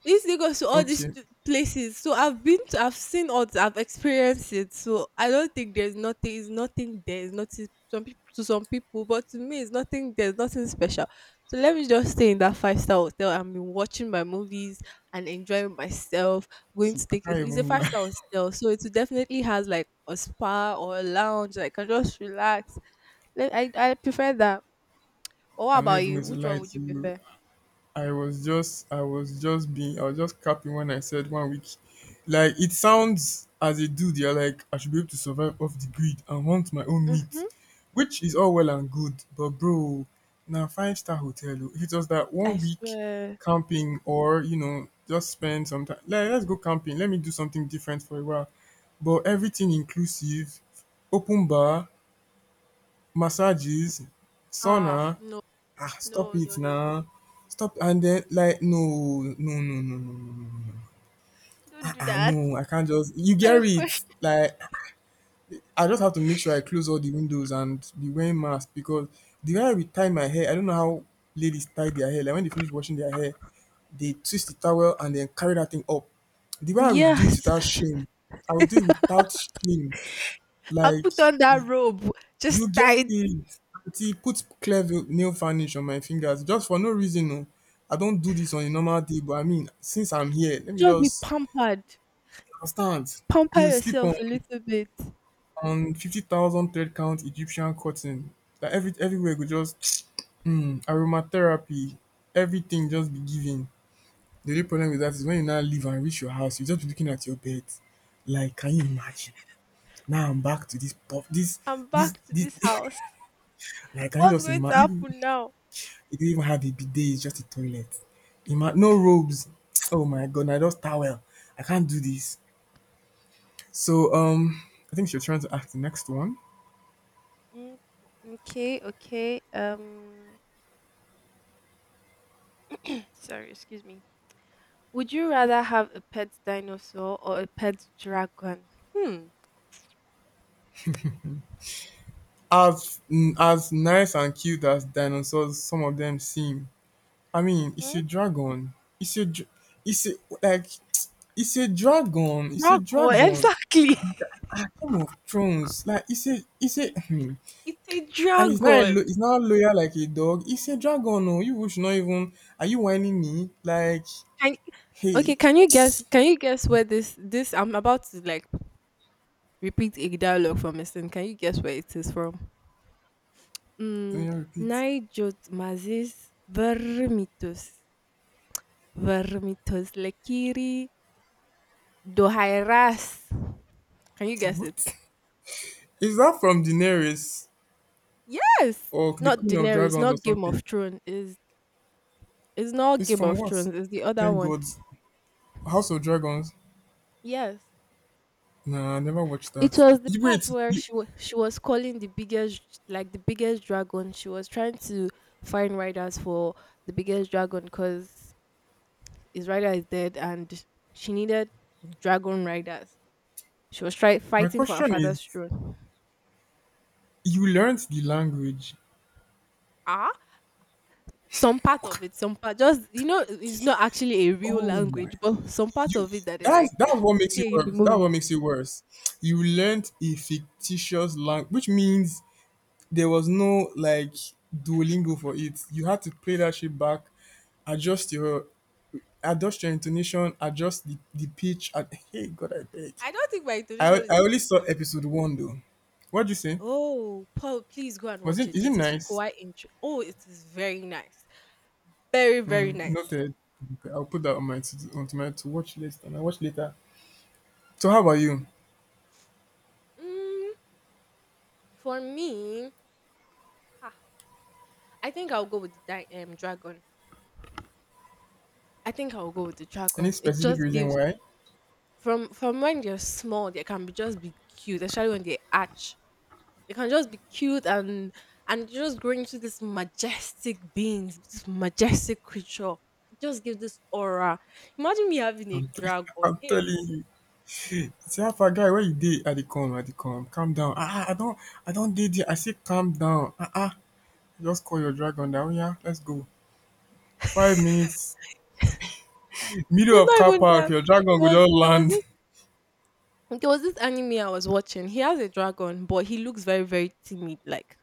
This thing goes to all these Okay. stu- places. So I've been to, I've seen all, th- I've experienced it. So I don't think there's nothing, is nothing there, is nothing some people, to some people, but to me, it's nothing there's nothing special. So let me just stay in that five star hotel and be watching my movies and enjoying myself. Going to See, I take can't It's a even five lie. star hotel, so it definitely has like a spa or a lounge. Like, I can just relax. Let- I I prefer that. But what I'm not about even you? going to Which one lie would to you you. prefer? I was just I was just being I was just capping when I said one week. Like it sounds as a dude, you're like, I should be able to survive off the grid and hunt my own meat. Mhm. Which is all well and good, but bro, now five star hotel. Oh. If it was that I one week swear. camping or you know, just spend some time like let's go camping, let me do something different for a while. But everything inclusive, open bar, massages, Ah, sauna. no, Ah, stop no, no, it no, no. now. Stop and then like no no no no no no no no. Don't Ah do ah that. no I can't just you Kind get of it question. like I just have to make sure I close all the windows and be wearing mask because the way I will tie my hair I don't know how ladies tie their hair like when they finish washing their hair they twist the towel and then carry that thing up the way I will do it Yes. without shame I will do it without shame I'll like put on that robe. you Just get tight. it. Aunty put clear veil nail varnish on my fingers just for no reason oh. I not do this on a normal day but I mean since I'm here let me Just be just pampered. you understand? Pamper You sleep on yourself a little bit. on fifty thousand thread count Egyptian cotton. Like every everywhere go just um aromatherapy, everything just be giving. The only problem with that is when you now leave and reach your house, you just be looking at your bed like can you imagine? Now I'm back to this puff this I'm this back to this this house. like can you What's just going to imagine? happen now? It didn't even have a bidet, it's just a toilet. Ima- no robes. Oh my god, I just towel. I can't do this. So um I think you're trying to ask the next one. Mm, okay, okay. Um sorry, excuse me. Would you rather have a pet dinosaur or a pet dragon? Hmm. As mm, as nice and cute as dinosaurs, some of them seem. I mean, it's Mm-hmm. a dragon. It's a, dr- it's a Like, it's a dragon. It's a Dragon, dragon. exactly. Ah, Game of Thrones. Like, it's a, it's a, hmm. It's a And it's not a, dragon. lo- it's not loyal like a dog. It's a dragon. No, you should not even. Are you whining me? Like, Can, Hey, okay, can you guess? Can you guess where this this? I'm about to like repeat a dialogue from mister Can you guess where it is from? Mm, can you repeat? Naijot mazis vermitus vermitus lekiri dohairas. Can you guess it? What? Is that from Daenerys Yes. or the Not Queen of Daenerys. Dragons or Not Game of something? Thrones. Is It's not It's Game from of what? Thrones. It's the other Thank one. God. House of Dragons? Yes, Nah, I never watched it that. was the You- part Wait, where you, she wa- she was calling the biggest like the biggest dragon. She was trying to find riders for the biggest dragon because his rider is dead, and she needed dragon riders. She was trying my fighting for her question is, father's throne. you learned the language. Ah, some part of it, some part just you know, it's not actually a real Oh my. language, but some part You, of it that they that's, like that's what makes you say in the worse. That's what movie. makes you worse. You learned a fictitious language, which means there was no like Duolingo for it. You had to play that shit back adjust your adjust your intonation adjust the, the pitch and hey god I beg. I don't think my I, intonation is I only even saw good. episode one though. What'd you say? Oh, Paul, please go and Was watch it it. Is it It is nice? quite intre Oh, it is very nice. Very, very Mm, nice. noted. Okay, I'll put that on my to, onto my to watch list and I watch later. So how about you? Mm, for me, ah, I think I'll go with the di- um, dragon. I think I'll go with the Any dragon. It specific just reason gives why? from from when they're small, they can be just be cute, especially when they arch. They can just be cute and and just grow into this majestic beings, this majestic creature. It just gives this aura. Imagine me having a i'm, t- dragon. I'm Hey, telling you. See how far guy where you did at the calm at the calm calm down, ah ah, i don't I don't did it, I say calm down ah ah. Just call your dragon down. Oh, yeah, let's go five minutes middle it's of not car even park that. your It dragon go was just there was land. this There was this anime I was watching. He has a dragon, but he looks very very timid, like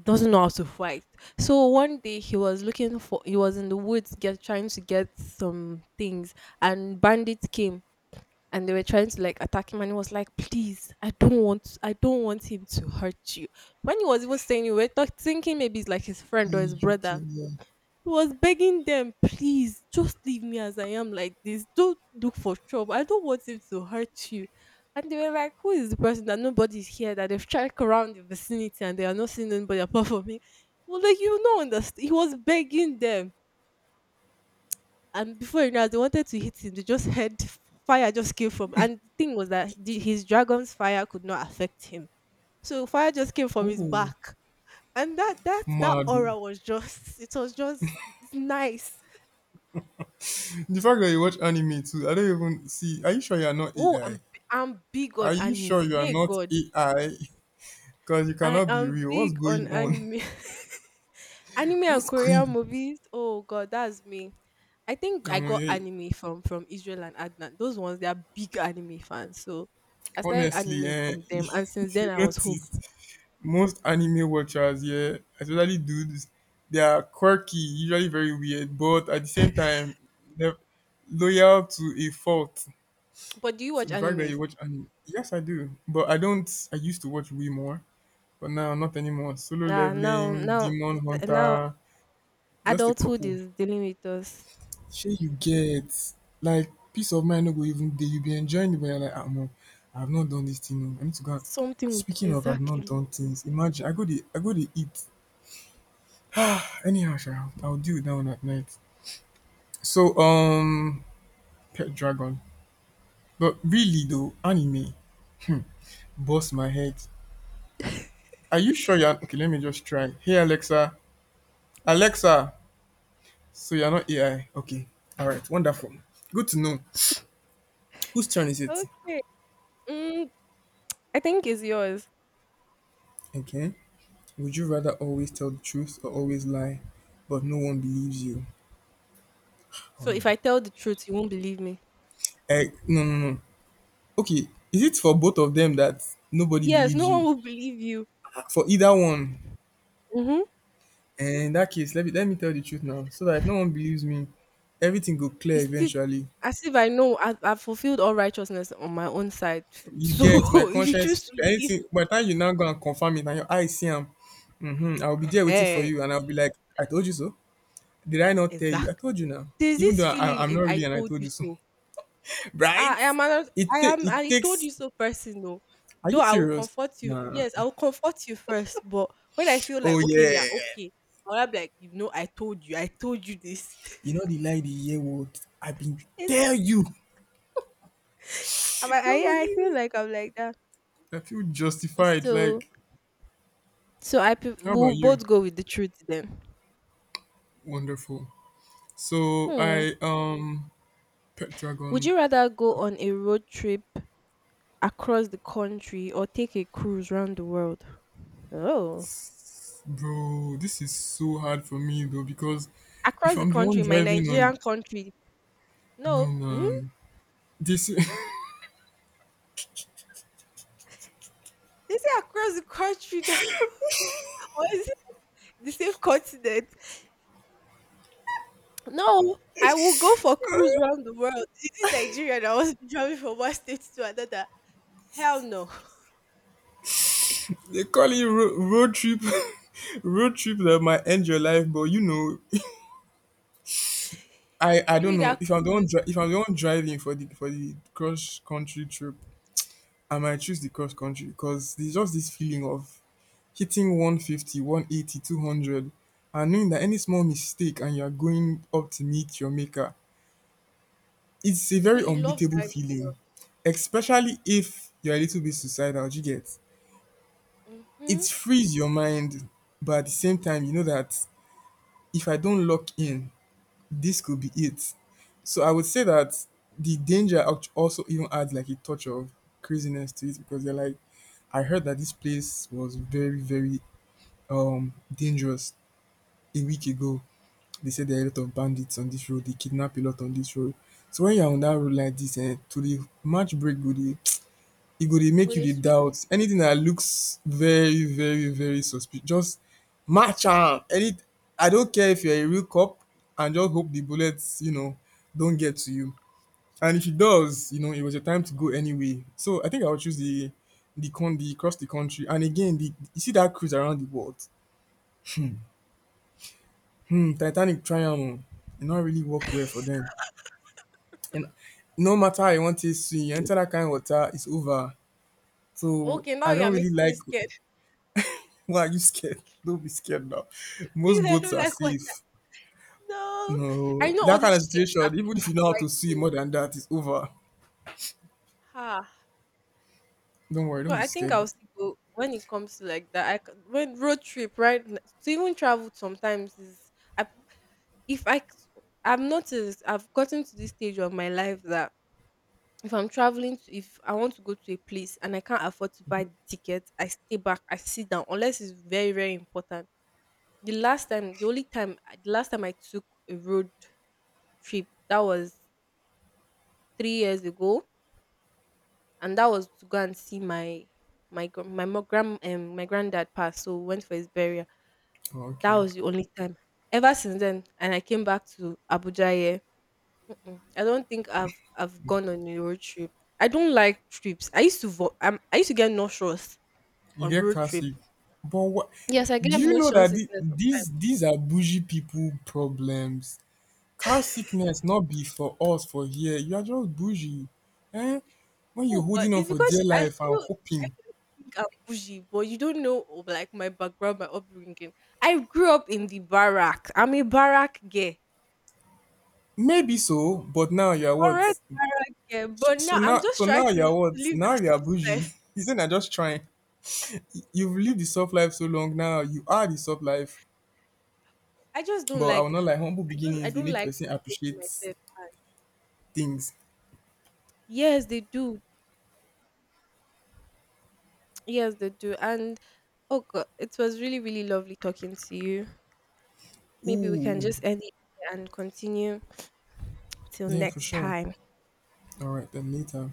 doesn't know how to fight. So one day he was looking for, he was in the woods get trying to get some things, and bandits came and they were trying to like attack him, and he was like, "Please, I don't want I don't want him to hurt you." When he was even saying, you were talk, thinking maybe it's like his friend or his U K, brother, yeah. he was begging them, "Please just leave me as I am like this. Don't look for trouble. I don't want it to hurt you." And they were like, "Who is the person that nobody's here that they've checked around the vicinity and they are not seeing anybody apart from me?" Well, like you don't understand. He was begging them, and before you know, it, they wanted to hit him. They just heard f- fire just came from, and the thing was that the, his dragon's fire could not affect him. So fire just came from his Oh, back and that that that mad. aura was just, it was just nice. The fact that you watch anime too, I don't even see. Are you sure you are not Oh, I'm A I? b- I'm big Are on you sure anime. you are Hey not God, A I? Because you I cannot be am real. What's big on going on? anime. Anime and What's going Korean on? movies. Oh God, that's me. I think I Omo, got yeah, anime from from Israel and Adnan. Those ones they are big anime fans. So I started honestly, anime eh, from them, and since if then you I was hooked. notice, most anime watchers, yeah, especially dudes, they are quirky, usually very weird, but at the same time, they're loyal to a fault. But do you watch So the fact that animes? you watch anime, yes, I do, but I don't. I used to watch way more. But now, not anymore. Solo Ah, now, leveling, now, demon now, hunter, just a adulthood couple. is dealing with us. Shey you get like peace of mind no go even dey. You be enjoying it, but you're like, ah no, I've not done this thing. oh. I need to go out. Something with Speaking of I've not exactly. done things, imagine I go the I go the eat. Anyhow, sha, I'll deal with that one at night. So um Pet Dragon. But really though, anime bust my head. Are you sure you're okay? Let me just try. Hey Alexa. Alexa, So you're not A I. Okay. All right. Wonderful. Good to know. Whose turn is it? Okay. Mm, I think it's yours. Okay. Would you rather always tell the truth or always lie, but no one believes you? Oh So no. if I tell the truth, you won't believe me. Eh, no, no, no. Okay. Is it for both of them that nobody Yes, no believes one you? will believe you. For either one. Mhm. And in that case, let me let me tell the truth now, so that if no one believes me, everything go clear It's still eventually. as if I know I've, I've fulfilled all righteousness on my own side. You get my So if you conscience choose is to clear. believe, Anything by the time you now go and confirm it, and your eyes see him, mm-hmm, I'll be there waiting for eh, you, and I'll be like, I told you so. Did I not tell you? I exactly. told you now. There's Even this though I, feeling I'm in not "I really, and I told told you you so. so." I, Right? I am another, It I ta- am It I told takes. you so person though. Are Though you I will serious? comfort you, Nah. yes, I will comfort you first. But when I feel like Oh okay, yeah. yeah, okay, I'll be like, you know, I told you, I told you this. You know the lie the year old. I've been it's, tell you. I, Don't I I forgive feel me. like I'm like that. I feel justified. So Like, So I pref- how about we'll you? both go with the truth then. Wonderful. So Hmm. I um pet Would dragon, you rather go on a road trip across the country or take a cruise around the world? Oh, bro. This is so hard for me though because if across the I'm the one country, my driving on, Nigerian country. no No, hmm? man. This They say across the country. Now, or is it the same continent? No, I will go for cruise around the world. Is it Nigeria that was driving from one state to another? Hell no. They call it road, road trip, road trip that might end your life. But you know, I I Give me don't know that if I'm the one cruise. dri- if I'm the one driving for the for the cross country trip, I might choose the cross country because there's just this feeling of hitting one fifty, one eighty, two hundred, and knowing that any small mistake and you're going up to meet your maker, it's a So very you love unbeatable driving. feeling, especially if you're a little bit suicidal. You get it Mm-hmm. frees your mind, but at the same time, you know that if I don't lock in, this could be it. So I would say that the danger act- also even adds like a touch of craziness to it because they're like, I heard that this place was very, very um dangerous a week ago. They said there are a lot of bandits on this road. They kidnap a lot on this road. So when you're on that road like this, and to the match break, go the e go dey Go make you to dey switch. doubt. Anything that looks very, very, very suspicious, just match am. Any I don't care if you're a real cop and just hope the bullets, you know, don't get to you. And if it does, you know, it was your time to go anyway. So I think I would choose the the con the cross the country. And again, the you see that cruise around the world? Hmm, Titanic triumph, am oo, e no really work well for them. And no matter how you wan take swim, you enter that kain water, it's over. Oh, So okay, now I you are don't really making me like scared. Why are you scared? Don't be scared now. Please, Most I boats don't are like water. safe. No. I No, know all that kind these of shapes are, situation, even if are you know how quite to swim safe. more than that, it's over. Ah, Don't worry, but don't be I think scared. I'll still go when it comes to like that. I c when Road trip, right? n- To even travel sometimes is, I, if I c- I've noticed I've gotten to this stage of my life that if I'm traveling to if I want to go to a place and I can't afford to buy the ticket, I stay back, I sit down unless it's very very important. The last time, the only time, the last time I took a road trip. That was three years ago, and that was to go and see my my gr- my mo- grand um, my granddad passed. So we went for his burial. Oh, That okay. was the only time. Ever since then, and I came back to Abuja here. Mm-mm, I don't think I've I've gone on a road trip. I don't like trips. I used to vo- um, I used to get nauseous You on get road car trip. sick. But what Yes, I do get you know motion that the, sickness. these these are bougie people problems? Car sickness not be for us for here. You are just bougie. Eh? When you're Oh, but holding on it's for dear because I life and feel I hoping. feel think I'm bougie, but you don't know oh, like my background, my upbringing. I grew up in the barrack. I'm a barrack girl, Maybe so, but now you are what? correct barrack girl. But So now I'm now, just So trying now to you're what? live Now that you're soft life. bougie. Isn't I just trying? You've lived the soft life so long now. You are the soft life. I just don't But I will like. I not like humble just I beginnings. They don't make like person making appreciate myself. things. Yes, they do. Yes, they do. And oh god, it was really really lovely talking to you. Maybe we can Ooh, just end it here and continue till yeah, for next sure. time. All right, then later.